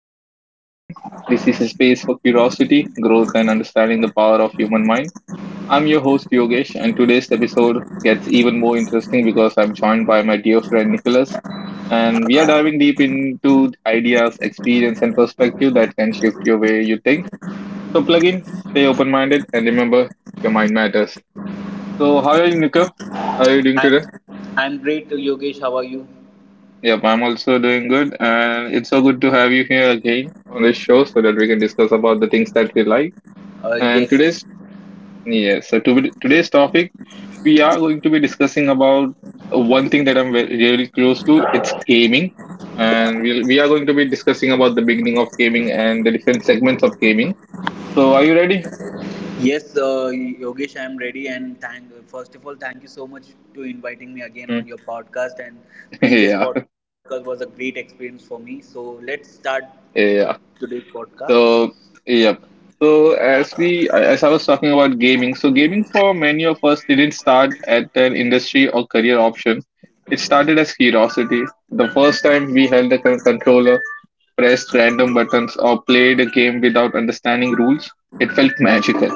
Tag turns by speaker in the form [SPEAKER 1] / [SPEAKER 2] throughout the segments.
[SPEAKER 1] real conversation. This is a space for curiosity, growth, and understanding the power of human mind. I'm your host Yogesh, and today's episode gets even more interesting because I'm joined by my dear friend Nicholas, and we are diving deep into ideas, experience, and perspective that can shift your way you think. So plug in, stay open-minded, and remember your mind matters. So, how are you, Nico? How are you doing
[SPEAKER 2] I'm
[SPEAKER 1] today?
[SPEAKER 2] I'm great, Yogesh. How are you?
[SPEAKER 1] Yep, I'm also doing good, and it's so good to have you here again on this show so that we can discuss about the things that we like.
[SPEAKER 2] Uh,
[SPEAKER 1] And
[SPEAKER 2] yes,
[SPEAKER 1] today's yes, so to today's topic we are going to be discussing about one thing that I'm really close to. It's gaming, and we are going to be discussing about the beginning of gaming and the different segments of gaming. So, are you ready?
[SPEAKER 2] yes, Yogesh, I'm ready, and thank. First of all, thank you so much to inviting me again
[SPEAKER 1] Mm.
[SPEAKER 2] on your podcast. And
[SPEAKER 1] yeah,
[SPEAKER 2] previous podcast was a great experience for me. So let's start the,
[SPEAKER 1] yeah.
[SPEAKER 2] today's podcast.
[SPEAKER 1] So yeah. So as I was talking about gaming, so gaming for many of us didn't start at an industry or career option. It started as curiosity. The first time we held a controller, pressed random buttons, or played a game without understanding rules, it felt magical.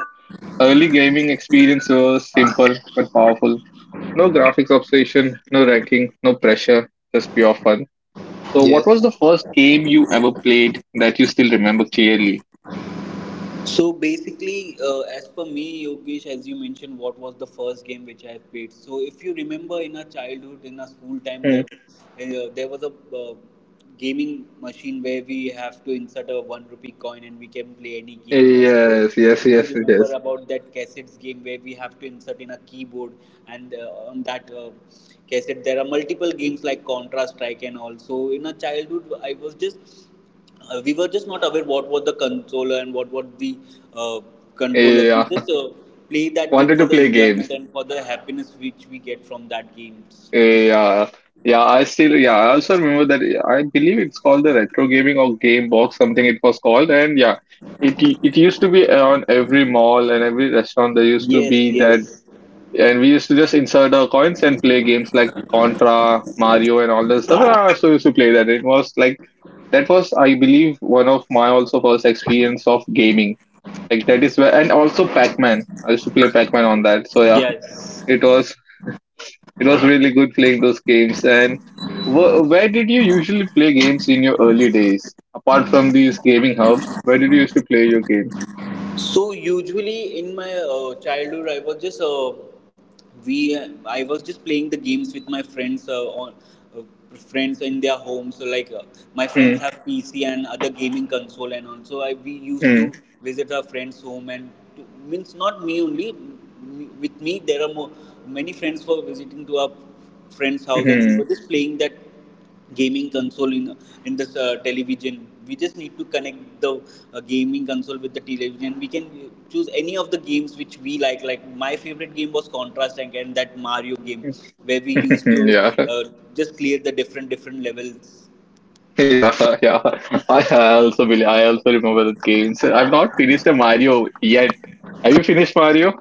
[SPEAKER 1] Early gaming experience was simple but powerful. No graphics obsession, no ranking, no pressure, just pure fun. So, what was
[SPEAKER 2] Yes.
[SPEAKER 1] the first game you ever played that you still remember clearly?
[SPEAKER 2] So basically, as per me, Yogesh, as you mentioned, what was the first game which I have played? So if you remember, in our childhood, in our school time, there was a gaming machine where we have to insert a 1 rupee coin and we can play any game. Also,
[SPEAKER 1] Yes, yes,
[SPEAKER 2] if you
[SPEAKER 1] yes, it
[SPEAKER 2] remember
[SPEAKER 1] is.
[SPEAKER 2] about that cassettes game where we have to insert in a keyboard, and on that cassette there are multiple games like Contra Strike. And also in our childhood, I was just we were just not aware what was the controller and what was the uh, controller. We
[SPEAKER 1] Yeah,
[SPEAKER 2] just play that game
[SPEAKER 1] wanted
[SPEAKER 2] for
[SPEAKER 1] to
[SPEAKER 2] the
[SPEAKER 1] play
[SPEAKER 2] enjoyment
[SPEAKER 1] games.
[SPEAKER 2] and for the happiness which we get from that games.
[SPEAKER 1] Yeah, yeah. I still, yeah. I also remember that. I believe it's called the retro gaming or game box, something it was called. And yeah, it it used to be on every mall and every restaurant. There used to
[SPEAKER 2] Yes,
[SPEAKER 1] be that,
[SPEAKER 2] yes,
[SPEAKER 1] and we used to just insert our coins and play games like Contra, Mario, and all that stuff. And I also used to play that. It was like that was, I believe, one of my also first experience of gaming. Like that is where, and also Pac-Man. I used to play Pac-Man on that. So yeah,
[SPEAKER 2] yes.
[SPEAKER 1] it was it was really good playing those games. And where did you usually play games in your early days? Apart from these gaming hubs, where did you used to play your games?
[SPEAKER 2] So usually in my childhood, we I was just playing the games with my friends on uh, friends in their homes. So like my
[SPEAKER 1] Hmm.
[SPEAKER 2] friends have PC and other gaming console, and also I we used
[SPEAKER 1] Hmm.
[SPEAKER 2] to visit our friends' home and to, means not me only. With me, many friends who are visiting to our friend's house, and we
[SPEAKER 1] Hmm.
[SPEAKER 2] were just playing that gaming console in this television. We just need to connect the gaming console with the television. We can choose any of the games which we like my favorite game was contrast tank and that Mario game where we used to
[SPEAKER 1] yeah,
[SPEAKER 2] uh, just clear the different different levels.
[SPEAKER 1] yeah, yeah. I also believe, I also remember the games. I've not finished the Mario yet. Have you finished Mario?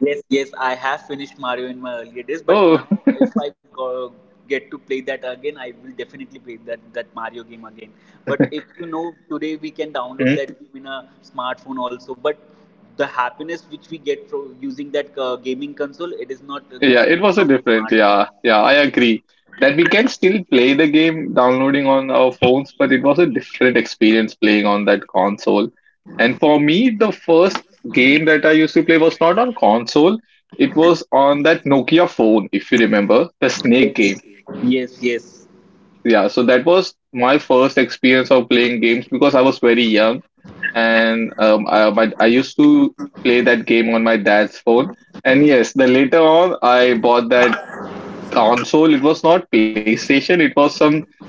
[SPEAKER 2] Yes, yes, I have finished Mario in my earlier days, but now
[SPEAKER 1] Oh.
[SPEAKER 2] if I go, get to play that again, I will definitely play that Mario game again. But if you know, today we can download that game in a smartphone also. But the happiness which we get from using that gaming console, it is not
[SPEAKER 1] Yeah, it
[SPEAKER 2] getting
[SPEAKER 1] was a
[SPEAKER 2] from
[SPEAKER 1] different.
[SPEAKER 2] smartphone.
[SPEAKER 1] Yeah, yeah, I agree that we can still play the game downloading on our phones, but it was a different experience playing on that console. And for me, the first game that I used to play was not on console, it was on that Nokia phone, if you remember, the Snake
[SPEAKER 2] Yes,
[SPEAKER 1] game.
[SPEAKER 2] yes, yes.
[SPEAKER 1] Yeah, so that was my first experience of playing games because I was very young and but I used to play that game on my dad's phone. And yes, then later on, I bought that console. It was not PlayStation. It was some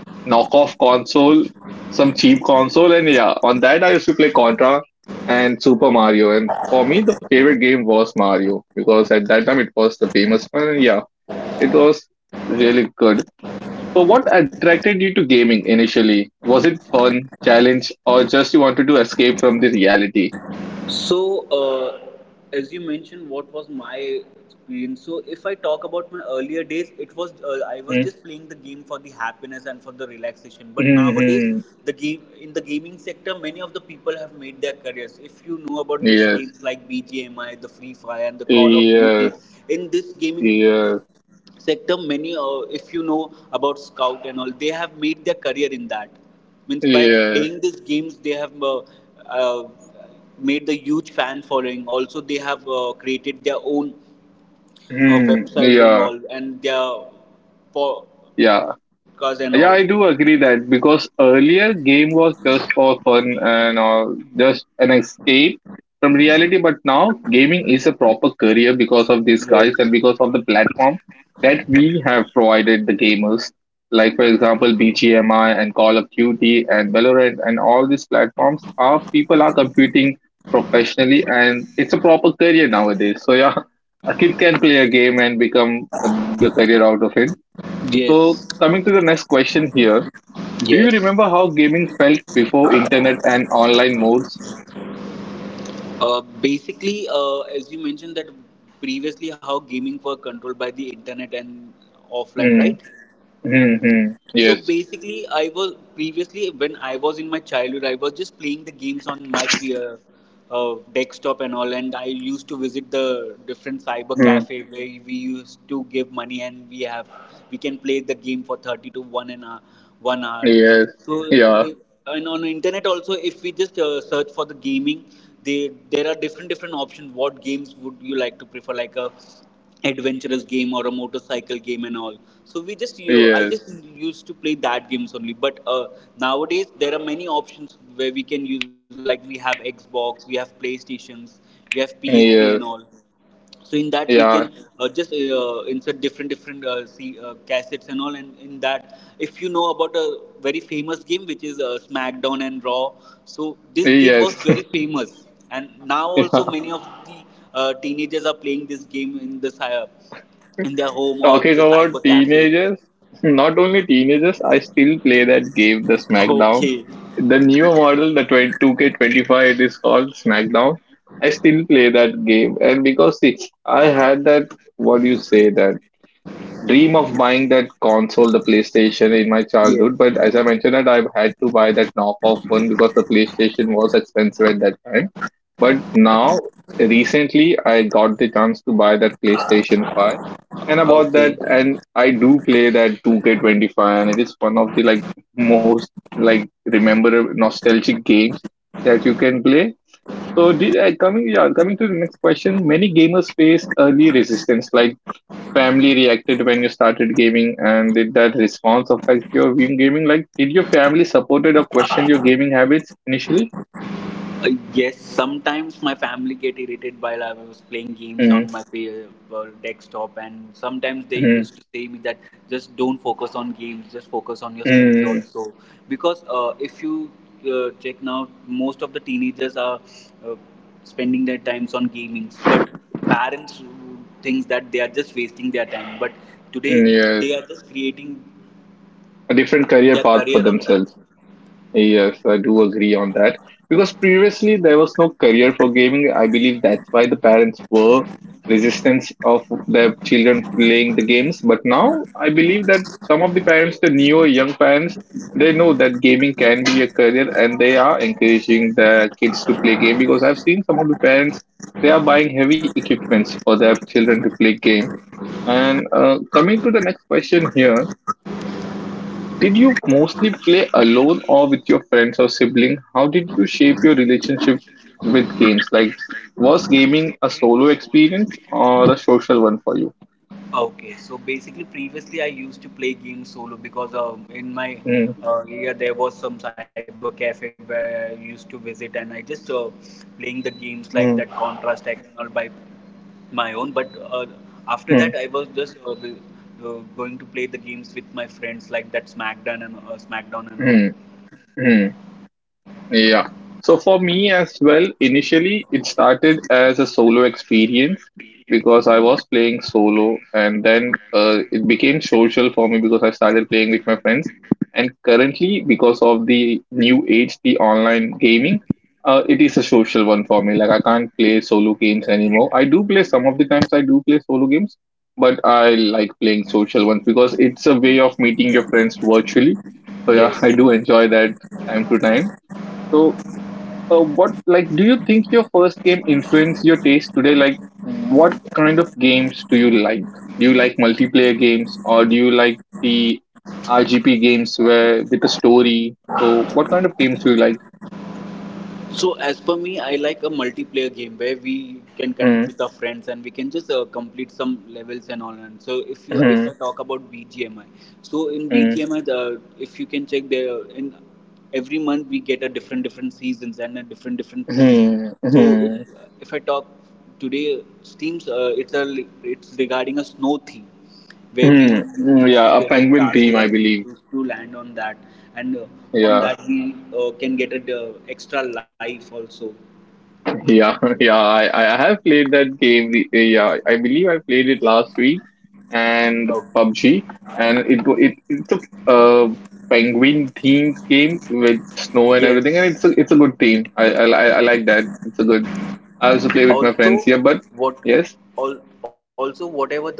[SPEAKER 1] knockoff console, some cheap console. And yeah, on that I used to play Contra and Super Mario. And for me, the favorite game was Mario because at that time it was the famous one. And yeah, it was really good. So, what attracted you to gaming initially? Was it fun, challenge, or just you wanted to escape from the reality?
[SPEAKER 2] So, as you mentioned, what was my experience. So if I talk about my earlier days, it was I was just playing the game for the happiness and for the relaxation. But nowadays,
[SPEAKER 1] Mm-hmm.
[SPEAKER 2] the game in the gaming sector, many of the people have made their careers. If you know about these
[SPEAKER 1] Yes.
[SPEAKER 2] games like BGMI, the Free Fire, and the Call of Duty,
[SPEAKER 1] Yes.
[SPEAKER 2] in this gaming
[SPEAKER 1] Yes.
[SPEAKER 2] sector, many if you know about Scout and all, they have made their career in that. Means by
[SPEAKER 1] Yes.
[SPEAKER 2] playing these games, they have. uh, made the huge fan following. Also, they have created their own
[SPEAKER 1] Hmm.
[SPEAKER 2] websites and
[SPEAKER 1] Yeah.
[SPEAKER 2] all, and their podcasts
[SPEAKER 1] Yeah.
[SPEAKER 2] and
[SPEAKER 1] Yeah,
[SPEAKER 2] all.
[SPEAKER 1] I do agree that because earlier game was just for fun and just an escape from reality, but now gaming is a proper career because of these guys and
[SPEAKER 2] Yes.
[SPEAKER 1] because of the platform that we have provided the gamers. Like for example, BGMI and Call of Duty and Valorant and all these platforms are people are competing professionally, and it's a proper career nowadays. So yeah, a kid can play a game and become make a career out of it. So,
[SPEAKER 2] Yes.
[SPEAKER 1] coming to the next question here, do you
[SPEAKER 2] Yes.
[SPEAKER 1] remember how gaming felt before internet and online modes?
[SPEAKER 2] Basically, as you mentioned that previously, how gaming were controlled by the internet and offline,
[SPEAKER 1] Mm,
[SPEAKER 2] right?
[SPEAKER 1] mm, mm,
[SPEAKER 2] So
[SPEAKER 1] yes.
[SPEAKER 2] basically, I was previously when I was in my childhood, I was just playing the games on my uh, desktop and all, and I used to visit the different cyber
[SPEAKER 1] Mm,
[SPEAKER 2] cafe where we used to give money and we can play the game for 30 to one and a 1 hour.
[SPEAKER 1] yes.
[SPEAKER 2] So,
[SPEAKER 1] Yeah.
[SPEAKER 2] if, and on internet also, if we just search for the gaming, they there are different different options. What games would you like to prefer, like a adventurous game or a motorcycle game and all? So we just you I
[SPEAKER 1] Yes.
[SPEAKER 2] just used to play that games only. But nowadays there are many options where we can use. Like we have Xbox, we have PlayStations, we have PSP and all.
[SPEAKER 1] Yes.
[SPEAKER 2] So in that we can
[SPEAKER 1] Yeah.
[SPEAKER 2] just insert different different cassettes and all. And in that, if you know about a very famous game which is smackdown and raw, so this game
[SPEAKER 1] Yes.
[SPEAKER 2] was very famous and now also
[SPEAKER 1] yeah.
[SPEAKER 2] many of the teenagers are playing this game in in their home or
[SPEAKER 1] Talking
[SPEAKER 2] the
[SPEAKER 1] about
[SPEAKER 2] cyber cafe.
[SPEAKER 1] teenagers, not only teenagers, I still play that game, the SmackDown.
[SPEAKER 2] okay.
[SPEAKER 1] The newer model, the twenty two k twenty-five, it is called SmackDown. I still play that game. And because, see, I had that, what do you say that, dream of buying that console, the PlayStation, in my childhood. But
[SPEAKER 2] Yes.
[SPEAKER 1] as I mentioned, that I've had to buy that knockoff one because the PlayStation was expensive at that time. But now, recently, I got the chance to buy that PlayStation 5. And about
[SPEAKER 2] Okay.
[SPEAKER 1] that, and I do play that 2K25, and it is one of the like most like remember nostalgic games that you can play. So, the- coming yeah, coming to the next question, many gamers face early resistance, like family reacted when you started gaming, and did that response affect your viewing gaming? Like, did your family supported or questioned your gaming habits initially?
[SPEAKER 2] Uh, Yes, sometimes my family get irritated while I was playing games on my desktop, and sometimes they
[SPEAKER 1] Mm-hmm.
[SPEAKER 2] used to say me that just don't focus on games, just focus on your studies
[SPEAKER 1] Mm-hmm.
[SPEAKER 2] also. Because if you check now, most of the teenagers are uh, spending their times on gaming, but parents thinks that they are just wasting their time. But today
[SPEAKER 1] Yes,
[SPEAKER 2] they are just creating
[SPEAKER 1] a different career
[SPEAKER 2] their
[SPEAKER 1] path for
[SPEAKER 2] career on that.
[SPEAKER 1] themselves. Yes, I do agree on that. Because previously there was no career for gaming. I believe that's why the parents were resistance of their children playing the games. But now I believe that some of the parents, the newer young parents, they know that gaming can be a career and they are encouraging their kids to play game because I've seen some of the parents they are buying heavy equipments for their children to play game. And coming to the next question here, did you mostly play alone or with your friends or sibling? How did you shape your relationship with games? Like, was gaming a solo experience or a social one for you?
[SPEAKER 2] Okay, so basically, previously I used to play games solo because in my
[SPEAKER 1] Mm,
[SPEAKER 2] area there was some cyber cafe where I used to visit, and I just playing the games like
[SPEAKER 1] mm,
[SPEAKER 2] that Contra Strike and all by my own. But after
[SPEAKER 1] mm,
[SPEAKER 2] that, I was just the- going to play the games with my friends like that SmackDown and SmackDown and all.
[SPEAKER 1] mm, mm. Yeah. So for me as well, initially it started as a solo experience because I was playing solo and then it became social for me because I started playing with my friends. And currently, because of the new age, the online gaming, it is a social one for me. Like I can't play solo games anymore. I do play some of the times I do play solo games, but I like playing social ones because it's a way of meeting your friends virtually. So yeah, I do
[SPEAKER 2] Yes.
[SPEAKER 1] enjoy that time to time. So what like do you think your first game influenced your taste today? Like what kind of games do you like? Do you like multiplayer games or do you like the rgp games where with a story? So what kind of games do you like?
[SPEAKER 2] So as per me, I like a multiplayer game where we can connect
[SPEAKER 1] Mm,
[SPEAKER 2] with our friends and we can just complete some levels and all. And so if
[SPEAKER 1] mm,
[SPEAKER 2] I talk about BGMI, so in
[SPEAKER 1] mm,
[SPEAKER 2] BGMI, if you can check there in every month we get a different different seasons and a different different theme.
[SPEAKER 1] mm, mm,
[SPEAKER 2] So
[SPEAKER 1] mm.
[SPEAKER 2] if I talk today, teams it's regarding a snow theme where we
[SPEAKER 1] Mm,
[SPEAKER 2] used to
[SPEAKER 1] yeah, a
[SPEAKER 2] get a
[SPEAKER 1] penguin
[SPEAKER 2] castle
[SPEAKER 1] team
[SPEAKER 2] and
[SPEAKER 1] I
[SPEAKER 2] we
[SPEAKER 1] believe.
[SPEAKER 2] used to land on that. And on
[SPEAKER 1] Yeah.
[SPEAKER 2] that we can get an extra life also.
[SPEAKER 1] Yeah, yeah, I have played that game. Yeah, I believe I played it last week
[SPEAKER 2] Oh,
[SPEAKER 1] and PUBG, and it's a penguin themed game with snow and everything,
[SPEAKER 2] yes.
[SPEAKER 1] and it's a good theme. I like that. It's a good. I also play with
[SPEAKER 2] Also
[SPEAKER 1] my friends here, but
[SPEAKER 2] what.
[SPEAKER 1] yes,
[SPEAKER 2] All, also whatever the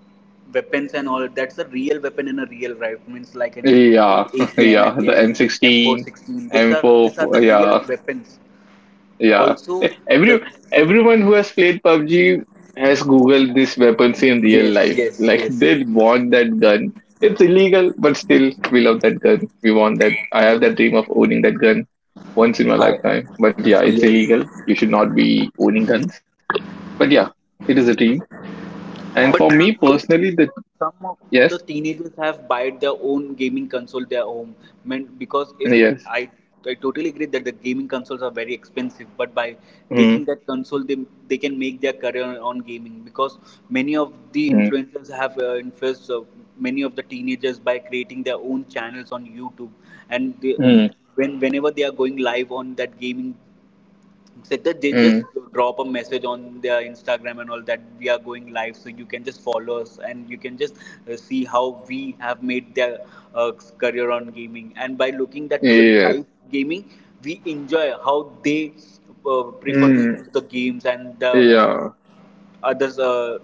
[SPEAKER 2] weapons and all, that's a real weapon in a real rifle, means like an AK,
[SPEAKER 1] yeah,
[SPEAKER 2] AKM and
[SPEAKER 1] yeah, the M16,
[SPEAKER 2] M416,
[SPEAKER 1] M
[SPEAKER 2] these are
[SPEAKER 1] four,
[SPEAKER 2] the real
[SPEAKER 1] yeah.
[SPEAKER 2] weapons.
[SPEAKER 1] Yeah.
[SPEAKER 2] Also
[SPEAKER 1] Eh,
[SPEAKER 2] the
[SPEAKER 1] every everyone who has played PUBG has googled this weapons in real
[SPEAKER 2] yes,
[SPEAKER 1] life.
[SPEAKER 2] yes,
[SPEAKER 1] Like
[SPEAKER 2] yes.
[SPEAKER 1] they want that gun. It's illegal, but still we love that gun. We want that. I have that dream of owning that gun once in my lifetime.
[SPEAKER 2] I,
[SPEAKER 1] But yeah, it's
[SPEAKER 2] yes.
[SPEAKER 1] illegal. You should not be owning guns. But yeah, it is a dream. And for me
[SPEAKER 2] But
[SPEAKER 1] personally, the
[SPEAKER 2] nowadays, some of
[SPEAKER 1] yes,
[SPEAKER 2] the teenagers have bought their own gaming console their home. Meant because if
[SPEAKER 1] yes,
[SPEAKER 2] I I totally agree that the gaming consoles are very expensive, but by
[SPEAKER 1] mm,
[SPEAKER 2] taking that console, they can make their career on gaming because many of the
[SPEAKER 1] mm,
[SPEAKER 2] influencers have influenced many of the teenagers by creating their own channels on YouTube, and they,
[SPEAKER 1] mm,
[SPEAKER 2] when whenever they are going live on that gaming, like they
[SPEAKER 1] mm,
[SPEAKER 2] just drop a message on their Instagram and all that we are going live, so you can just follow us and you can just see how we have made their uh, career on gaming. And by looking that the
[SPEAKER 1] yes,
[SPEAKER 2] live gaming, we enjoy how they prefer to
[SPEAKER 1] mm,
[SPEAKER 2] use the games and the
[SPEAKER 1] yeah.
[SPEAKER 2] others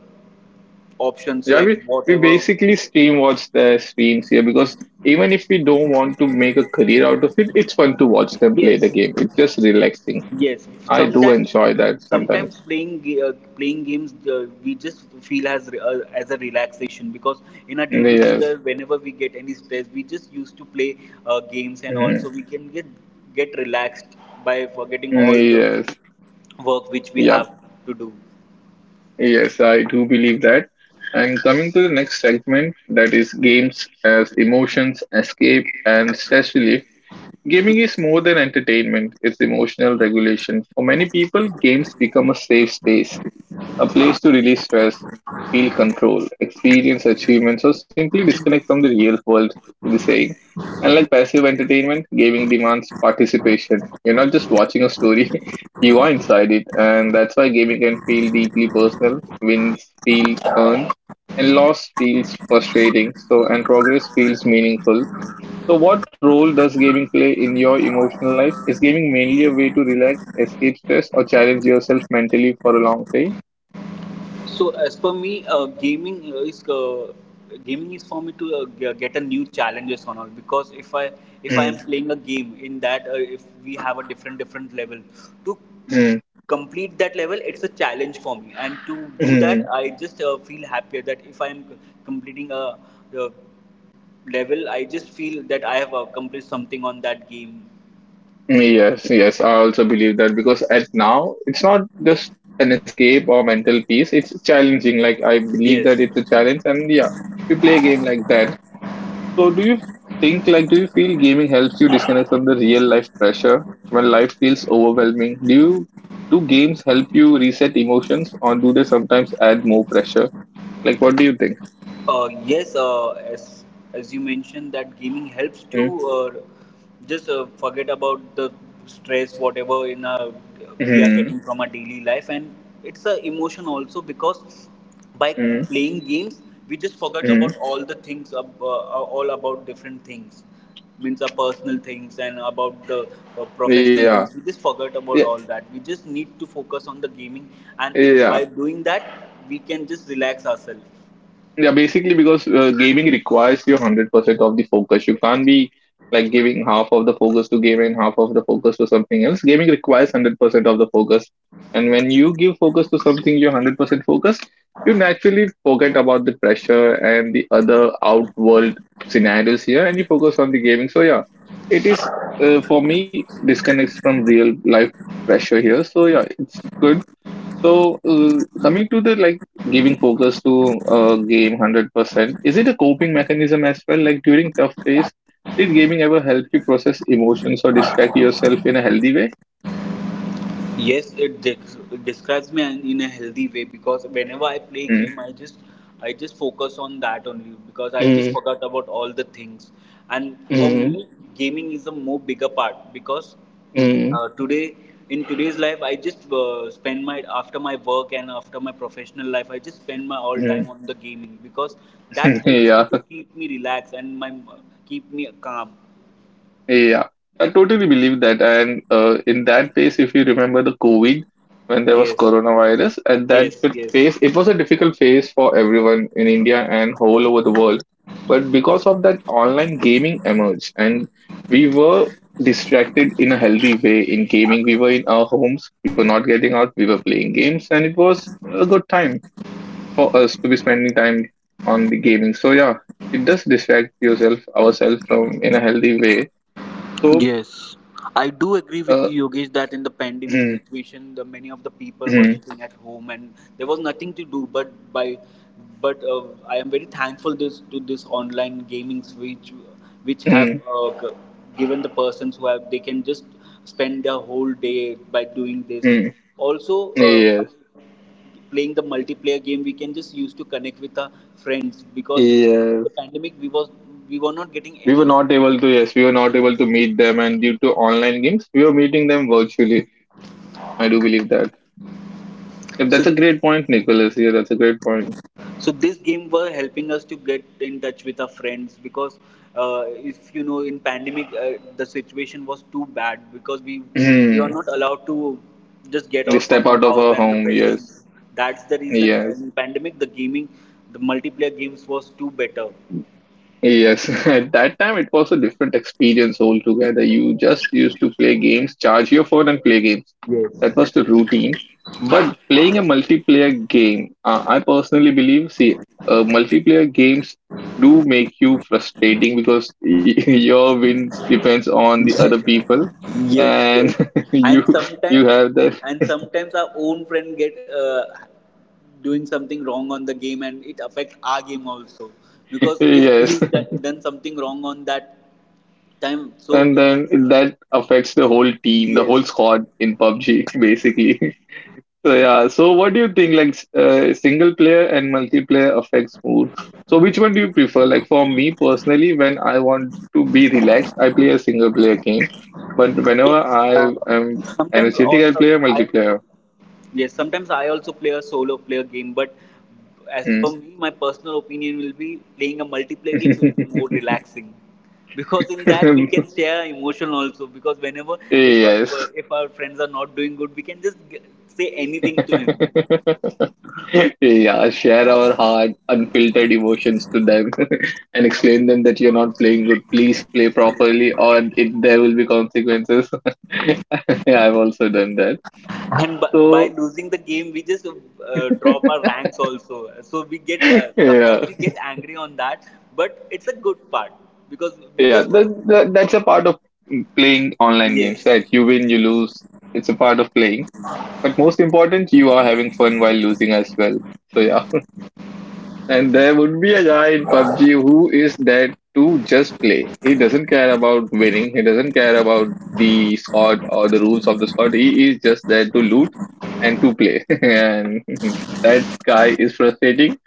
[SPEAKER 2] options
[SPEAKER 1] Yeah,
[SPEAKER 2] like
[SPEAKER 1] we
[SPEAKER 2] whatever.
[SPEAKER 1] basically stream watch their streams here because even if we don't want to make a career out of it, it's fun to watch them play the
[SPEAKER 2] Yes.
[SPEAKER 1] game. It's just relaxing.
[SPEAKER 2] Yes,
[SPEAKER 1] I do
[SPEAKER 2] sometimes
[SPEAKER 1] enjoy that sometimes.
[SPEAKER 2] sometimes playing games we just feel as as a relaxation because in a day to day
[SPEAKER 1] Yes.
[SPEAKER 2] whenever we get any stress we just used to play games and
[SPEAKER 1] Mhm.
[SPEAKER 2] also we can get relaxed by forgetting all the
[SPEAKER 1] Yes.
[SPEAKER 2] work which we have
[SPEAKER 1] Yep.
[SPEAKER 2] to do.
[SPEAKER 1] Yes, I do believe that. And coming to the next segment, that is games as emotions, escape, and stress relief. Gaming is more than entertainment, it's emotional regulation. For many people, games become a safe space, a place to release stress, feel control, experience achievements, or simply disconnect from the real world, to be saying. Unlike passive entertainment, gaming demands participation. You're not just watching a story, you are inside it, and that's why gaming can feel deeply personal, wins feel earned, and loss feels frustrating, so and progress feels meaningful. So, what role does gaming play in your emotional life? Is gaming mainly a way to relax, escape stress, or challenge yourself mentally for a long time?
[SPEAKER 2] So as per me, gaming is for me to get a new challenges on all because if I am playing a game in that, if we have a different different level to
[SPEAKER 1] Mm,
[SPEAKER 2] complete that level, it's a challenge for me and to do that
[SPEAKER 1] mm.
[SPEAKER 2] I just feel happier that if I'm c- completing a level, I just feel that I have accomplished something on that game.
[SPEAKER 1] Yes, yes. I also believe that because at now it's not just an escape or mental peace. It's challenging. Like I believe that
[SPEAKER 2] Yes.
[SPEAKER 1] it's a challenge, and yeah, you play a game like that. So do you think like do you feel gaming helps you disconnect from the real life pressure when life feels overwhelming? Do games help you reset emotions, or do they sometimes add more pressure? Like what do you think?
[SPEAKER 2] Yes, as as you mentioned that gaming helps to
[SPEAKER 1] Mm,
[SPEAKER 2] uh, just forget about the stress, we are
[SPEAKER 1] mm,
[SPEAKER 2] getting from our daily life, and it's a emotion also because by playing games we just forget
[SPEAKER 1] hmm.
[SPEAKER 2] about all the things, all about different things, means our personal things and about the professional
[SPEAKER 1] Yeah.
[SPEAKER 2] things. We just forget about
[SPEAKER 1] Yeah.
[SPEAKER 2] all that. We just need to focus on the gaming, and
[SPEAKER 1] Yeah.
[SPEAKER 2] by doing that we can just relax ourselves.
[SPEAKER 1] Yeah, basically because gaming requires your 100% of the focus. You can't be like giving half of the focus to gaming, half of the focus to something else. Gaming requires 100% of the focus. And when you give focus to something you're 100% focused, you naturally forget about the pressure and the other outworld scenarios here and you focus on the gaming. So, yeah, it is for me disconnects from real life pressure here. So, yeah, it's good so, coming to the like giving focus to a game 100%, is it a coping mechanism as well? Like during tough days, did gaming ever help you process emotions or distract yourself in a healthy way?
[SPEAKER 2] Yes, describes me in a healthy way because whenever I play
[SPEAKER 1] Mm,
[SPEAKER 2] game, I just focus on that only because I just
[SPEAKER 1] mm,
[SPEAKER 2] forgot about all the things. And for
[SPEAKER 1] mm,
[SPEAKER 2] me, gaming is a more bigger part because
[SPEAKER 1] mm,
[SPEAKER 2] today in today's life, I just spend my after my work and after my professional life, I just spend my all time
[SPEAKER 1] mm.
[SPEAKER 2] on the gaming because that helps me
[SPEAKER 1] yeah.
[SPEAKER 2] to keep me relaxed and my keep me calm.
[SPEAKER 1] Yeah, I totally believe that. And in that phase, if you remember the COVID, when there was
[SPEAKER 2] Yes,
[SPEAKER 1] coronavirus, at that
[SPEAKER 2] yes, yes.
[SPEAKER 1] phase, it was a difficult phase for everyone in India and all over the world. But because of that, online gaming emerged, and we were distracted in a healthy way in gaming. We were in our homes, we were not getting out, we were playing games, and it was a good time for us to be spending time on the gaming. So yeah, it does distract yourself, ourselves from in a healthy way. So
[SPEAKER 2] Yes, I do agree with
[SPEAKER 1] uh,
[SPEAKER 2] you, Yogesh, that in the pandemic
[SPEAKER 1] mm,
[SPEAKER 2] situation, the many of the people were
[SPEAKER 1] mm,
[SPEAKER 2] sitting at home and there was nothing to do. But I am very thankful this to this online gaming which which have
[SPEAKER 1] mm,
[SPEAKER 2] uh, g- given the persons who have they can just spend their whole day by doing this.
[SPEAKER 1] mm.
[SPEAKER 2] Also, by
[SPEAKER 1] Yes,
[SPEAKER 2] playing the multiplayer game, we can just use to connect with our friends because in the
[SPEAKER 1] yes.
[SPEAKER 2] pandemic we was we were not getting
[SPEAKER 1] We were
[SPEAKER 2] any.
[SPEAKER 1] not able to, yes, we were not able to meet them, and due to online games, we were meeting them virtually. I do believe that. If that's
[SPEAKER 2] So
[SPEAKER 1] a great point, Nicholas. Yeah, that's a great point.
[SPEAKER 2] so this game were helping us to get in touch with our friends because if you know in pandemic the situation was too bad because we are
[SPEAKER 1] Mm.
[SPEAKER 2] not allowed to just get
[SPEAKER 1] We
[SPEAKER 2] out
[SPEAKER 1] step
[SPEAKER 2] from our
[SPEAKER 1] out of
[SPEAKER 2] house
[SPEAKER 1] our
[SPEAKER 2] and the
[SPEAKER 1] home.
[SPEAKER 2] buildings,
[SPEAKER 1] Yes,
[SPEAKER 2] that's the reason
[SPEAKER 1] yes,
[SPEAKER 2] in pandemic the gaming the multiplayer games was too better.
[SPEAKER 1] yes. At that time, it was a different experience altogether. You just used to play games, charge your phone, and play games. That
[SPEAKER 2] Yes.
[SPEAKER 1] was the routine. But playing a multiplayer game, I personally believe, see, multiplayer games do make you frustrating because your wins depends on the other people,
[SPEAKER 2] Yes, yes,
[SPEAKER 1] and you
[SPEAKER 2] and
[SPEAKER 1] you
[SPEAKER 2] sometimes
[SPEAKER 1] have that
[SPEAKER 2] and sometimes our own friend get doing something wrong on the game, and it affects our game also because if
[SPEAKER 1] yes,
[SPEAKER 2] he's done something wrong on that time so
[SPEAKER 1] and
[SPEAKER 2] it
[SPEAKER 1] then that affects the whole team, the whole
[SPEAKER 2] yes.
[SPEAKER 1] squad in PUBG, basically. So yeah, so what do you think like single player and multiplayer affects mood? So which one do you prefer? Like for me personally, when I want to be relaxed, I play a single player game. But whenever
[SPEAKER 2] Yes.
[SPEAKER 1] I am
[SPEAKER 2] Sometimes I
[SPEAKER 1] energetic, I play a
[SPEAKER 2] I also
[SPEAKER 1] multiplayer.
[SPEAKER 2] yes. Sometimes I also play a solo player game, but as per me, my personal opinion will be playing a multiplayer game will be
[SPEAKER 1] Mm.
[SPEAKER 2] more relaxing because in that we can share emotion also. Because whenever
[SPEAKER 1] yes.
[SPEAKER 2] if our friends are not doing good, we can just say anything to him.
[SPEAKER 1] yeah, share our hard, unfiltered emotions to them and explain them that you're not playing good. Please play properly, or it, there will be consequences. yeah, I've also done that.
[SPEAKER 2] And by,
[SPEAKER 1] So,
[SPEAKER 2] by losing the game, we just drop our ranks also. So we get uh,
[SPEAKER 1] yeah,
[SPEAKER 2] sometimes we get angry on that, but it's a good part because we
[SPEAKER 1] yeah,
[SPEAKER 2] just
[SPEAKER 1] that's a part of playing online games,
[SPEAKER 2] yes,
[SPEAKER 1] right? You win, you lose. It's a part of playing. But most important, you are having fun while losing as well. So, yeah. And there would be a guy in PUBG who is there to just play. He doesn't care about winning. He doesn't care about the squad or the rules of the squad. He is just there to loot and to play. and that guy is frustrating,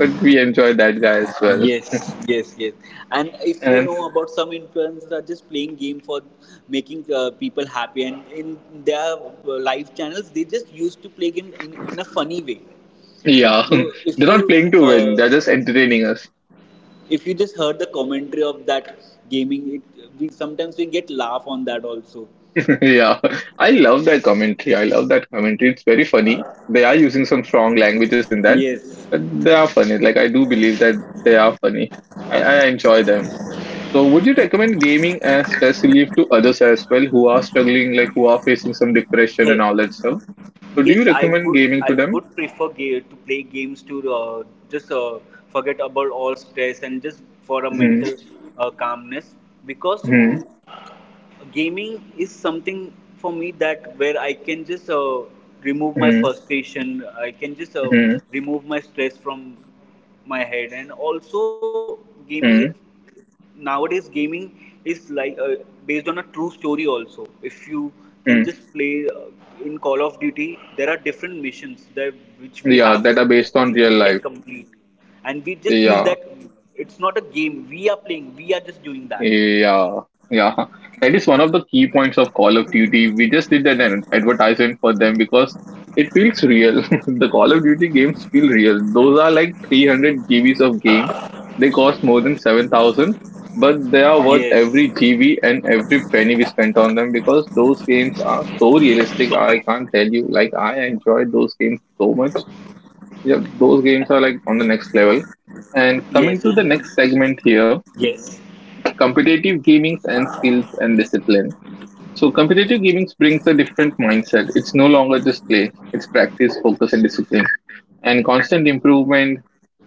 [SPEAKER 1] but we enjoy that guy as well.
[SPEAKER 2] yes, yes, yes. And if you
[SPEAKER 1] And
[SPEAKER 2] know, about some influencers are just playing game for making people happy, and in their live channels, they just used to play games in a funny way.
[SPEAKER 1] yeah,
[SPEAKER 2] So
[SPEAKER 1] they're not playing to win. They're
[SPEAKER 2] uh,
[SPEAKER 1] just entertaining.
[SPEAKER 2] if you just heard the commentary of that gaming, it we sometimes we get laugh on that also.
[SPEAKER 1] Yeah, I love that commentary. I love that commentary. It's very funny. They are using some strong languages in that,
[SPEAKER 2] Yes.
[SPEAKER 1] but they are funny. Like I do believe that they are funny. I enjoy them. So, would you recommend gaming as stress relief to others as well who are struggling, like who are facing some
[SPEAKER 2] Yeah.
[SPEAKER 1] depression and all that stuff? So, do
[SPEAKER 2] Yes,
[SPEAKER 1] you
[SPEAKER 2] I
[SPEAKER 1] recommend
[SPEAKER 2] would.
[SPEAKER 1] gaming to
[SPEAKER 2] I
[SPEAKER 1] them?
[SPEAKER 2] would prefer to play games to just forget about all stress and just for a
[SPEAKER 1] Hmm.
[SPEAKER 2] mental calmness because
[SPEAKER 1] Hmm.
[SPEAKER 2] gaming is something for me that where I can just remove my
[SPEAKER 1] Hmm.
[SPEAKER 2] frustration. I can just
[SPEAKER 1] Hmm.
[SPEAKER 2] remove my stress from my head, and also gaming.
[SPEAKER 1] Hmm.
[SPEAKER 2] It nowadays gaming is like based on a true story. Also, if you
[SPEAKER 1] Hmm.
[SPEAKER 2] can just play in Call of Duty, there are different missions that which we
[SPEAKER 1] Yeah,
[SPEAKER 2] have,
[SPEAKER 1] that are
[SPEAKER 2] which we
[SPEAKER 1] based
[SPEAKER 2] can
[SPEAKER 1] on real
[SPEAKER 2] complete,
[SPEAKER 1] life.
[SPEAKER 2] and we just feel that
[SPEAKER 1] Yeah.
[SPEAKER 2] it's not a game. We are playing. We are just doing that.
[SPEAKER 1] Yeah, yeah. That is one of the key points of Call of Duty. We just did an advertisement for them because it feels real. the Call of Duty games feel real. Those are like 300 GBs of game. They cost more than 7,000, but they are worth
[SPEAKER 2] Yes,
[SPEAKER 1] every GB and every penny we spent on them because those games are so realistic. I can't tell you. Like, I enjoyed those games so much. Yeah, those games are like on the next level. And
[SPEAKER 2] yes,
[SPEAKER 1] coming
[SPEAKER 2] and
[SPEAKER 1] to the next segment here
[SPEAKER 2] yes.
[SPEAKER 1] competitive gamings and skills and discipline. So competitive gamings brings a different mindset. It's no longer just play; it's practice, focus, and discipline and constant improvement,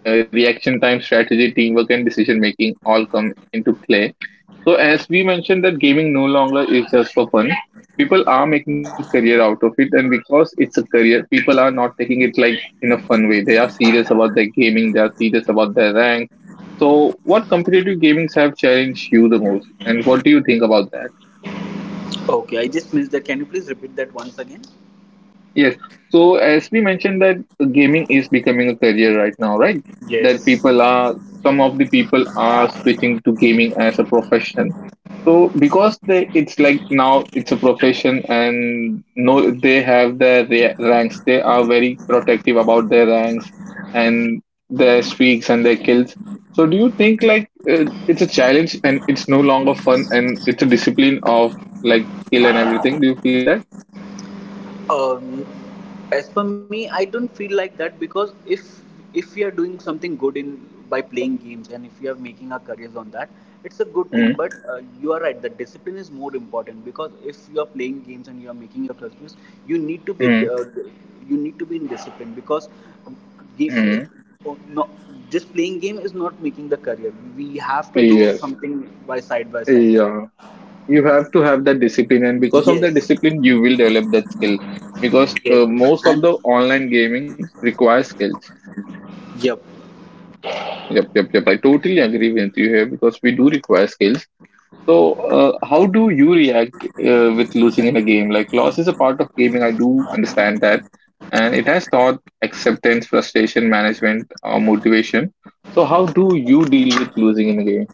[SPEAKER 1] reaction time, strategy, teamwork, and decision making all come into play. So, as we mentioned, that gaming no longer is just for fun. People are making career out of it, and because it's a career, people are not taking it like in a fun way. They are serious about their gaming. They are serious about their rank. So, what competitive gamings have challenged you the most, and what do you think about that?
[SPEAKER 2] Okay, I just missed that. Can you please repeat that once again?
[SPEAKER 1] Yes. So as we mentioned that gaming is becoming a career right now, right? That
[SPEAKER 2] Yes.
[SPEAKER 1] people are some of the people are switching to gaming as a profession. So because they it's like now it's a profession and no they have their ranks. They are very protective about their ranks and their streaks and their kills. So do you think like it's a challenge and it's no longer fun and it's a discipline of like skill and everything? Do you feel that?
[SPEAKER 2] Um, as for me, I don't feel like that because if we are doing something good in by playing games and if we are making our careers on that, it's a good thing.
[SPEAKER 1] Mm-hmm.
[SPEAKER 2] But you are right. The discipline is more important because if you are playing games and you are making your careers, you need to be in discipline because game,
[SPEAKER 1] Mm-hmm.
[SPEAKER 2] oh, no, just playing game is not making the career. We have to do
[SPEAKER 1] Yes.
[SPEAKER 2] something by side by side.
[SPEAKER 1] Yeah. You have to have that discipline, and because of
[SPEAKER 2] Yes,
[SPEAKER 1] that discipline, you will develop that skill. Because
[SPEAKER 2] yes,
[SPEAKER 1] most of
[SPEAKER 2] and
[SPEAKER 1] the online gaming requires skills.
[SPEAKER 2] yep.
[SPEAKER 1] Yep, yep, yep. I totally agree with you here because we do require skills. So, how do you react with losing in a game? Like, loss is a part of gaming. I do understand that, and it has taught acceptance, frustration, management, motivation. So, how do you deal with losing in a game?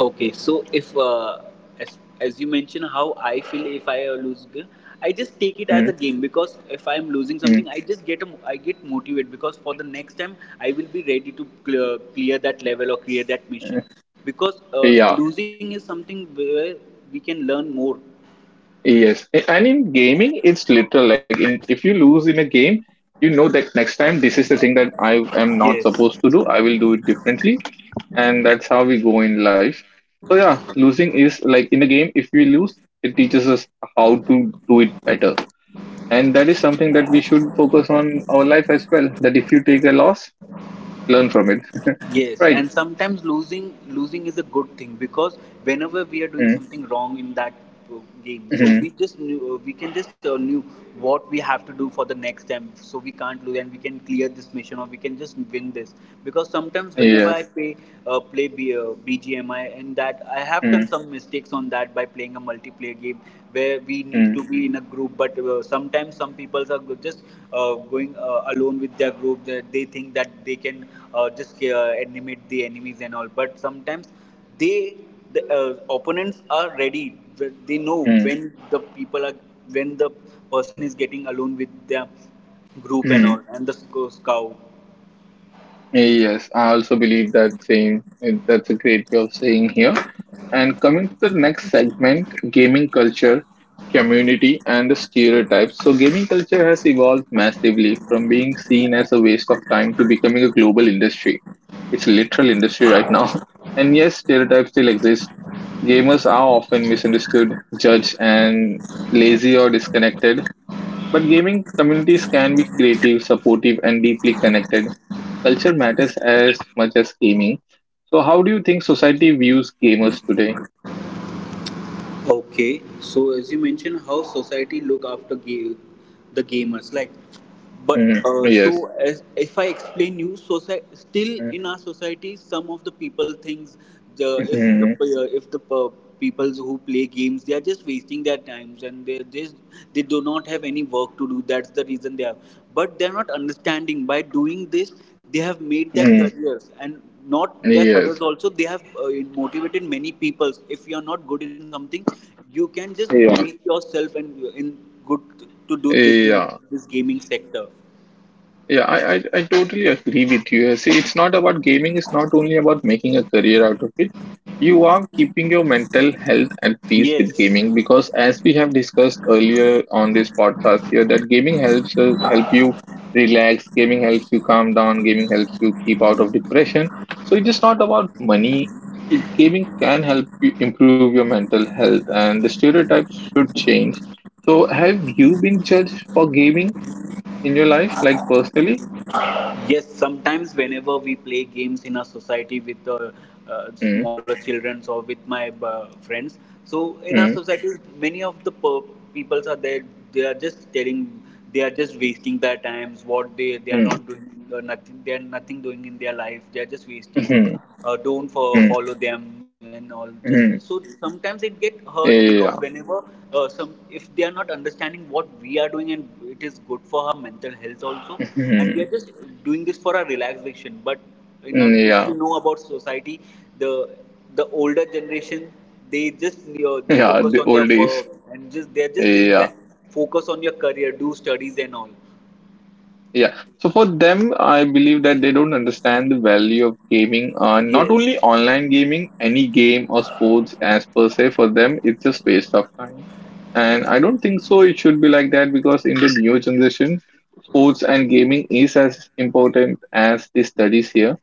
[SPEAKER 2] Okay, so if as as you mentioned, how I feel if I lose, I just take it as a game because if I'm losing
[SPEAKER 1] Mm-hmm.
[SPEAKER 2] something, I just get a I get motivated because for the next time I will be ready to clear that level or clear that mission because
[SPEAKER 1] Yeah.
[SPEAKER 2] losing is something where we can learn more.
[SPEAKER 1] Yes, and in gaming, it's literal. Like in if you lose in a game, you know that next time this is the thing that I am not
[SPEAKER 2] Yes.
[SPEAKER 1] supposed to do. I will do it differently, and that's how we go in life. So yeah, losing is like in a game. If we lose, it teaches us how to do it better, and that is something that we should focus on our life as well. That if you take a loss, learn from it.
[SPEAKER 2] Yes,
[SPEAKER 1] Right?
[SPEAKER 2] and sometimes losing is a good thing because whenever we are doing
[SPEAKER 1] Mm-hmm.
[SPEAKER 2] something wrong in that uh, game, so
[SPEAKER 1] Mm-hmm.
[SPEAKER 2] we just knew, we can just knew what we have to do for the next time, so we can't lose and we can clear this mission or we can just win this. Because sometimes whenever I
[SPEAKER 1] Yes.
[SPEAKER 2] play BGMI and that I have
[SPEAKER 1] Mm-hmm.
[SPEAKER 2] done some mistakes on that by playing a multiplayer game, where we need to be in a group but sometimes some people are just going alone with their group, they think that they can just animate the enemies and all but sometimes they the opponents are ready, they know
[SPEAKER 1] Mm-hmm.
[SPEAKER 2] when the people are when the person is getting alone with their group and
[SPEAKER 1] Mm-hmm.
[SPEAKER 2] all, and the scout.
[SPEAKER 1] Yes, I also believe that same. And that's a great way of saying here. And coming to the next segment, gaming culture, community, and the stereotypes. So, gaming culture has evolved massively from being seen as a waste of time to becoming a global industry. It's a literal industry right now. And yes, stereotypes still exist. Gamers are often misunderstood, judged, and lazy or disconnected. But gaming communities can be creative, supportive, and deeply connected. Culture matters as much as gaming. So, how do you think society views gamers today?
[SPEAKER 2] Okay, so as you mentioned, how society look after the gamers, like, but
[SPEAKER 1] Mm, yes.
[SPEAKER 2] so as if I explain you, society still
[SPEAKER 1] Mm,
[SPEAKER 2] in our society, some of the people thinks the
[SPEAKER 1] mhm,
[SPEAKER 2] if the peoples who play games, they are just wasting their times and they just they do not have any work to do. That's the reason they are, but they are not understanding. By doing this, they have made their
[SPEAKER 1] mm,
[SPEAKER 2] careers and not their studies
[SPEAKER 1] yes.
[SPEAKER 2] also they have motivated many people. If you are not good in something, you can just
[SPEAKER 1] Yeah.
[SPEAKER 2] make yourself and in good to do this in
[SPEAKER 1] Yeah.
[SPEAKER 2] this gaming sector.
[SPEAKER 1] Yeah, I totally agree with you. See, it's not about gaming, it's not only about making a career out of it. You are keeping your mental health at peace with
[SPEAKER 2] Yes.
[SPEAKER 1] gaming because as we have discussed earlier on this podcast here, that gaming helps us help you relax, gaming helps you calm down, gaming helps you keep out of depression. So it is not about money. It, gaming can help you improve your mental health and the stereotypes should change. So have you been judged for gaming in your life, like personally?
[SPEAKER 2] Yes, sometimes whenever we play games in our society with
[SPEAKER 1] Mm,
[SPEAKER 2] smaller children or with my friends, so in our
[SPEAKER 1] mm,
[SPEAKER 2] society, many of the peoples are there. They are just telling, they are just wasting their times. What they are
[SPEAKER 1] mm,
[SPEAKER 2] not doing, nothing. They are nothing doing in their life. They are just wasting
[SPEAKER 1] mhm,
[SPEAKER 2] don't
[SPEAKER 1] mhm,
[SPEAKER 2] follow them and all just
[SPEAKER 1] mhm.
[SPEAKER 2] so sometimes it get hurt because
[SPEAKER 1] Yeah.
[SPEAKER 2] whenever some if they are not understanding what we are doing and it is good for our mental health also, and we
[SPEAKER 1] Mhm,
[SPEAKER 2] are just doing this for our relaxation but you know
[SPEAKER 1] mm,
[SPEAKER 2] if you
[SPEAKER 1] yeah.
[SPEAKER 2] know about society the the older generation they just
[SPEAKER 1] Yeah.
[SPEAKER 2] focus
[SPEAKER 1] The
[SPEAKER 2] on their
[SPEAKER 1] old
[SPEAKER 2] work
[SPEAKER 1] days.
[SPEAKER 2] and just they're just saying
[SPEAKER 1] Yeah.
[SPEAKER 2] that focus on your career, do studies and all.
[SPEAKER 1] Yeah. So for them, I believe that they don't understand the value of gaming. Not only
[SPEAKER 2] Yes,
[SPEAKER 1] online gaming, any game or sports as per se, for them, it's just waste of time. And I don't think so it should be like that because in the new generation, sports and gaming is as important as the studies here.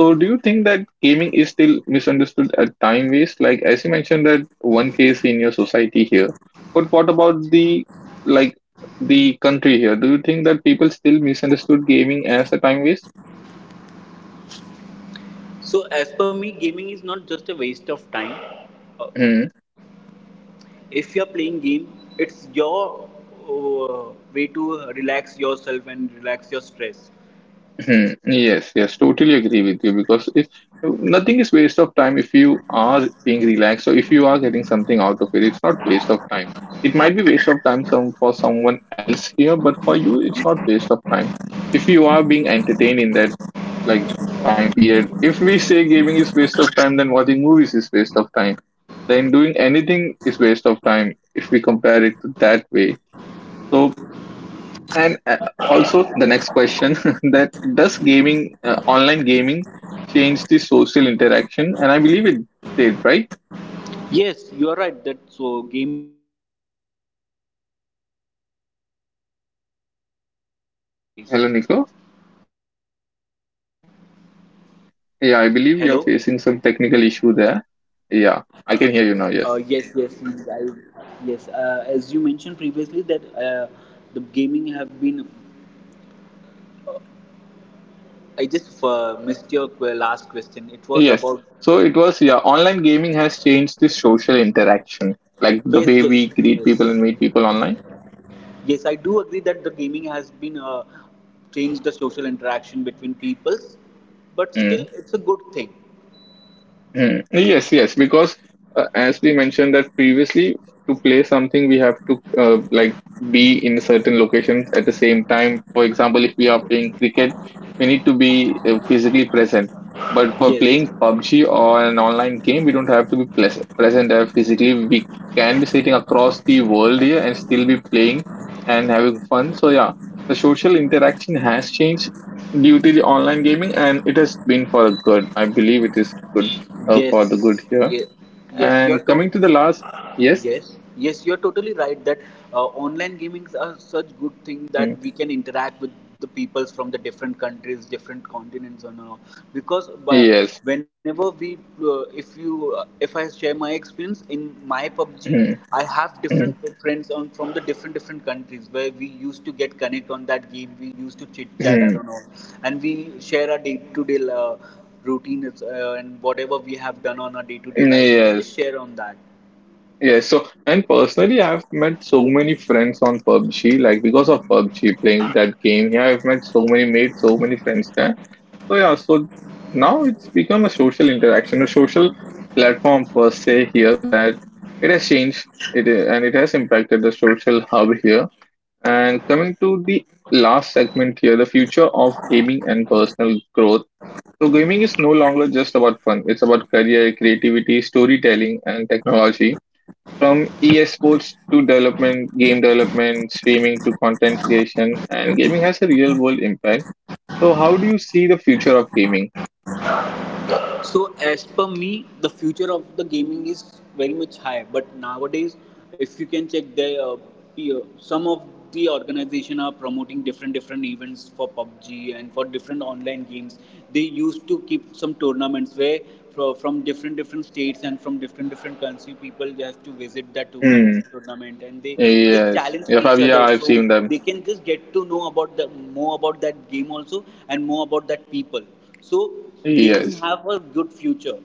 [SPEAKER 1] So, do you think that gaming is still misunderstood at time waste? Like, as you mentioned, that one case in your society here, but what about the like the country here? Do you think that people still misunderstood gaming as a time waste?
[SPEAKER 2] so as per me gaming is not just a waste of time. Uh,
[SPEAKER 1] Hmm.
[SPEAKER 2] If you're playing game, it's your way to relax yourself and relax your stress.
[SPEAKER 1] Mhm. Yes, yes, totally agree with you because if nothing is waste of time if you are being relaxed or if you are getting something out of it, it's not waste of time. It might be waste of time some for someone else here, but for you, it's not waste of time. If you are being entertained in that like time period, if we say gaming is waste of time, then watching movies is waste of time. Then doing anything is waste of time if we compare it to that way. So and Also the next question that does gaming, online gaming, change the social interaction? And I believe it did, right?
[SPEAKER 2] Yes, you are right that so gaming has changed the social interaction between many of the peoples nowadays.
[SPEAKER 1] Hello, Nico. Yeah, I believe
[SPEAKER 2] Hello.
[SPEAKER 1] you're facing some technical issue there. Yeah, I can hear you now. Yes.
[SPEAKER 2] Yes, yes, yes, I, yes. As you mentioned previously, that the gaming have been. I just missed your last question. It was
[SPEAKER 1] Yes.
[SPEAKER 2] about
[SPEAKER 1] So it was, yeah, online gaming has changed the social interaction, like
[SPEAKER 2] yes,
[SPEAKER 1] the
[SPEAKER 2] yes,
[SPEAKER 1] way we greet
[SPEAKER 2] yes.
[SPEAKER 1] people and meet people online.
[SPEAKER 2] Yes, I do agree that the gaming has been changed the social interaction between peoples, but still,
[SPEAKER 1] Hmm.
[SPEAKER 2] it's a good thing.
[SPEAKER 1] Mm. Yes, yes, because as we mentioned that previously, to play something we have to like be in certain locations at the same time. For example, if we are playing cricket, we need to be physically present. But for
[SPEAKER 2] Yes,
[SPEAKER 1] playing PUBG or an online game, we don't have to be present there physically. We can be sitting across the world here and still be playing and having fun. So yeah, the social interaction has changed due to the online gaming, and it has been for good. I believe it is good for the good
[SPEAKER 2] yes,
[SPEAKER 1] here.
[SPEAKER 2] yes, yes.
[SPEAKER 1] And coming to the last, yes,
[SPEAKER 2] Yes, yes, you're totally right that online gamings are such good thing that
[SPEAKER 1] mm,
[SPEAKER 2] we can interact with the peoples from the different countries, different continents, and all. Because by,
[SPEAKER 1] yes,
[SPEAKER 2] whenever we, if I share my experience in my PUBG,
[SPEAKER 1] mm,
[SPEAKER 2] I have different
[SPEAKER 1] mm,
[SPEAKER 2] friends on from the different different countries where we used to get connect on that game. We used to chit chat and
[SPEAKER 1] mm,
[SPEAKER 2] all, and we share our day to day routines and whatever we have done on our day to day life. We can just
[SPEAKER 1] yes,
[SPEAKER 2] share on that.
[SPEAKER 1] yes. So, and personally, I've met so many friends on PUBG, like because of PUBG playing that game here, I've met so many, made so many friends there. So, yeah, so now it's become a social interaction, a social platform per se here that it has changed it and it has impacted the social hub here. And coming to the last segment here, the future of gaming and personal growth. So, gaming is no longer just about fun, it's about career, creativity, storytelling, and technology. From esports to development, game development, streaming to content creation, and gaming has a real world impact. So, how do you see the future of gaming?
[SPEAKER 2] So as per me, the future of the gaming is very much high. But nowadays, if you can check the some of the organization are promoting different different events for PUBG and for different online games. They used to keep some tournaments where from different different states and from different different country people they have to visit that
[SPEAKER 1] Hmm.
[SPEAKER 2] tournament and they just
[SPEAKER 1] Yes.
[SPEAKER 2] challenge
[SPEAKER 1] Yeah, Fab,
[SPEAKER 2] each
[SPEAKER 1] yeah,
[SPEAKER 2] other
[SPEAKER 1] I've
[SPEAKER 2] so
[SPEAKER 1] seen them.
[SPEAKER 2] they can just get to know about the more about that game also and more about that people so gaming
[SPEAKER 1] Yes.
[SPEAKER 2] have a good future.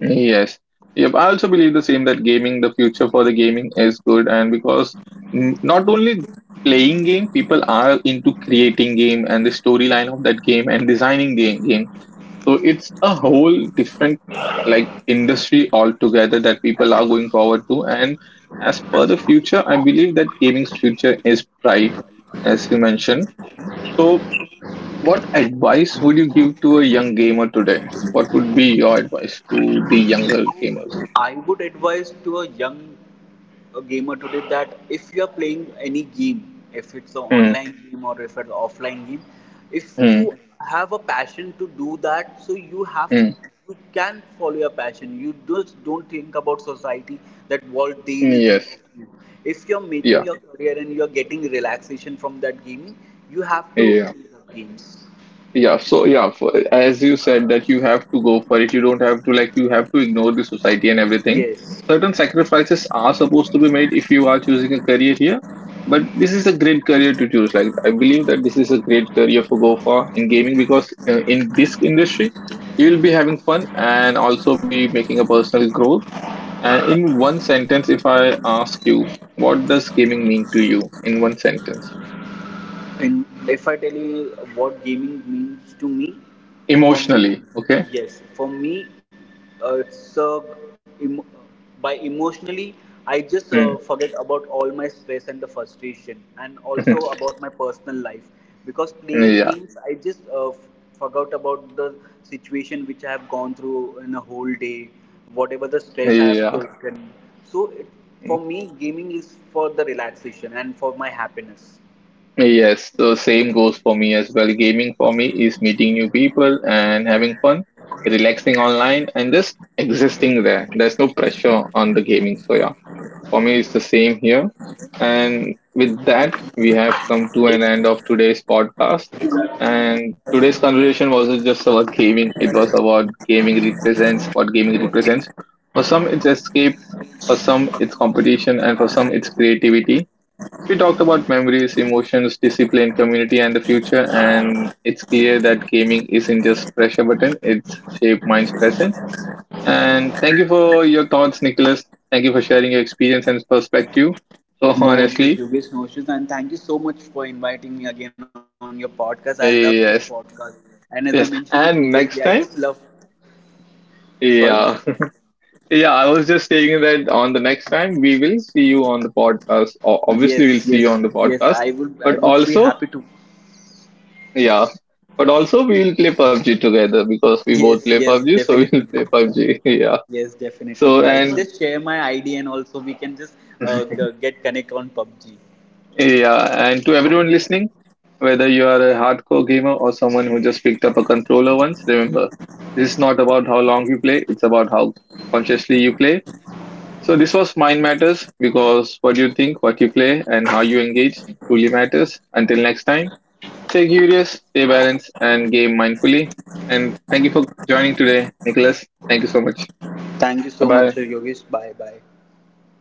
[SPEAKER 1] Yes. Yep. I also believe the same that gaming, the future for the gaming is good, and because not only playing game, people are into creating game and the storyline of that game and designing the game. So it's a whole different like industry altogether that people are going forward to. And as per the future, I believe that gaming's future is bright, as you mentioned. So what advice would you give to a young gamer today? What would be your advice to the younger gamers?
[SPEAKER 2] I would advise to a young gamer today that if you are playing any game, if it's an
[SPEAKER 1] Hmm.
[SPEAKER 2] online game or if it's offline game, if
[SPEAKER 1] Hmm.
[SPEAKER 2] you have a passion to do that, so you have
[SPEAKER 1] Hmm.
[SPEAKER 2] you can follow your passion. You just don't think about society that what they will think
[SPEAKER 1] Yes.
[SPEAKER 2] of you. If you're making
[SPEAKER 1] Yeah.
[SPEAKER 2] your career and you're getting relaxation from that gaming, you have to
[SPEAKER 1] Yeah.
[SPEAKER 2] play the games.
[SPEAKER 1] Yeah, so yeah, for, as you said that you have to go for it. You don't have to like you have to ignore the society and everything.
[SPEAKER 2] Yes.
[SPEAKER 1] Certain sacrifices are supposed to be made if you are choosing a career here, but this is a great career to choose. Like I believe that this is a great career for go for in gaming because in this industry you will be having fun and also be making a personal growth. And in one sentence, if I ask you, what does gaming mean to you in one sentence?
[SPEAKER 2] And if I tell you what gaming means to me, for me,
[SPEAKER 1] Emotionally, okay?
[SPEAKER 2] yes, for me, uh, it's uh, em- by emotionally, I just
[SPEAKER 1] Hmm.
[SPEAKER 2] forget about all my stress and the frustration, and also about my personal life. Because playing
[SPEAKER 1] yeah.
[SPEAKER 2] games, I just forgot about the situation which I have gone through in a whole day, whatever the stress I have
[SPEAKER 1] Yeah,
[SPEAKER 2] taken. So, it, for me, gaming is for the relaxation and for my happiness.
[SPEAKER 1] yes, the same goes for me as well. Gaming for me is meeting new people and having fun, relaxing online, and just existing there. There's no pressure on the gaming. So, yeah, for me, it's the same here. And with that, we have come to an end of today's podcast. And today's conversation wasn't just about gaming, it was about gaming represents, what gaming represents. For some, it's escape, for some, it's competition, and for some, it's creativity. We talked about memories, emotions, discipline, community, and the future, and it's clear that gaming isn't just pressure button, it's shape mind's presence. And thank you for your thoughts, Nicholas. Thank you for sharing your experience and perspective. So
[SPEAKER 2] No issues,
[SPEAKER 1] honestly,
[SPEAKER 2] Yogesh, no issues. And thank you so much for inviting me again on your podcast. I love this podcast.
[SPEAKER 1] yes,
[SPEAKER 2] And as I mentioned you
[SPEAKER 1] yes.
[SPEAKER 2] previously, I
[SPEAKER 1] And
[SPEAKER 2] just
[SPEAKER 1] next
[SPEAKER 2] love
[SPEAKER 1] time,
[SPEAKER 2] sorry?
[SPEAKER 1] yeah, yeah. I was just saying that on the next time we will see you on the podcast. Obviously,
[SPEAKER 2] Yes,
[SPEAKER 1] we'll see you
[SPEAKER 2] yes,
[SPEAKER 1] on the
[SPEAKER 2] yes.
[SPEAKER 1] podcast,
[SPEAKER 2] I
[SPEAKER 1] but
[SPEAKER 2] would be
[SPEAKER 1] also.
[SPEAKER 2] happy to
[SPEAKER 1] Yeah. But also we will play PUBG together because we both
[SPEAKER 2] yes,
[SPEAKER 1] play
[SPEAKER 2] yes,
[SPEAKER 1] PUBG, so
[SPEAKER 2] definitely,
[SPEAKER 1] we'll
[SPEAKER 2] bro.
[SPEAKER 1] play PUBG. Yeah.
[SPEAKER 2] Yes,
[SPEAKER 1] So
[SPEAKER 2] definitely, bro. I will
[SPEAKER 1] and
[SPEAKER 2] just share my ID and also we can just get connect on PUBG.
[SPEAKER 1] Yeah, and to everyone listening, whether you are a hardcore gamer or someone who just picked up a controller once, remember, this is not about how long you play, it's about how consciously you play. So this was Mind Matters because what you think, what you play, and how you engage truly matters. Until next time, stay curious, stay balanced, and game mindfully. And thank you for joining today, Nicholas. Thank you so much.
[SPEAKER 2] Thank you
[SPEAKER 1] Bye
[SPEAKER 2] so much,
[SPEAKER 1] bye.
[SPEAKER 2] Yogesh. Bye, bye.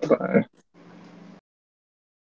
[SPEAKER 1] Bye bye.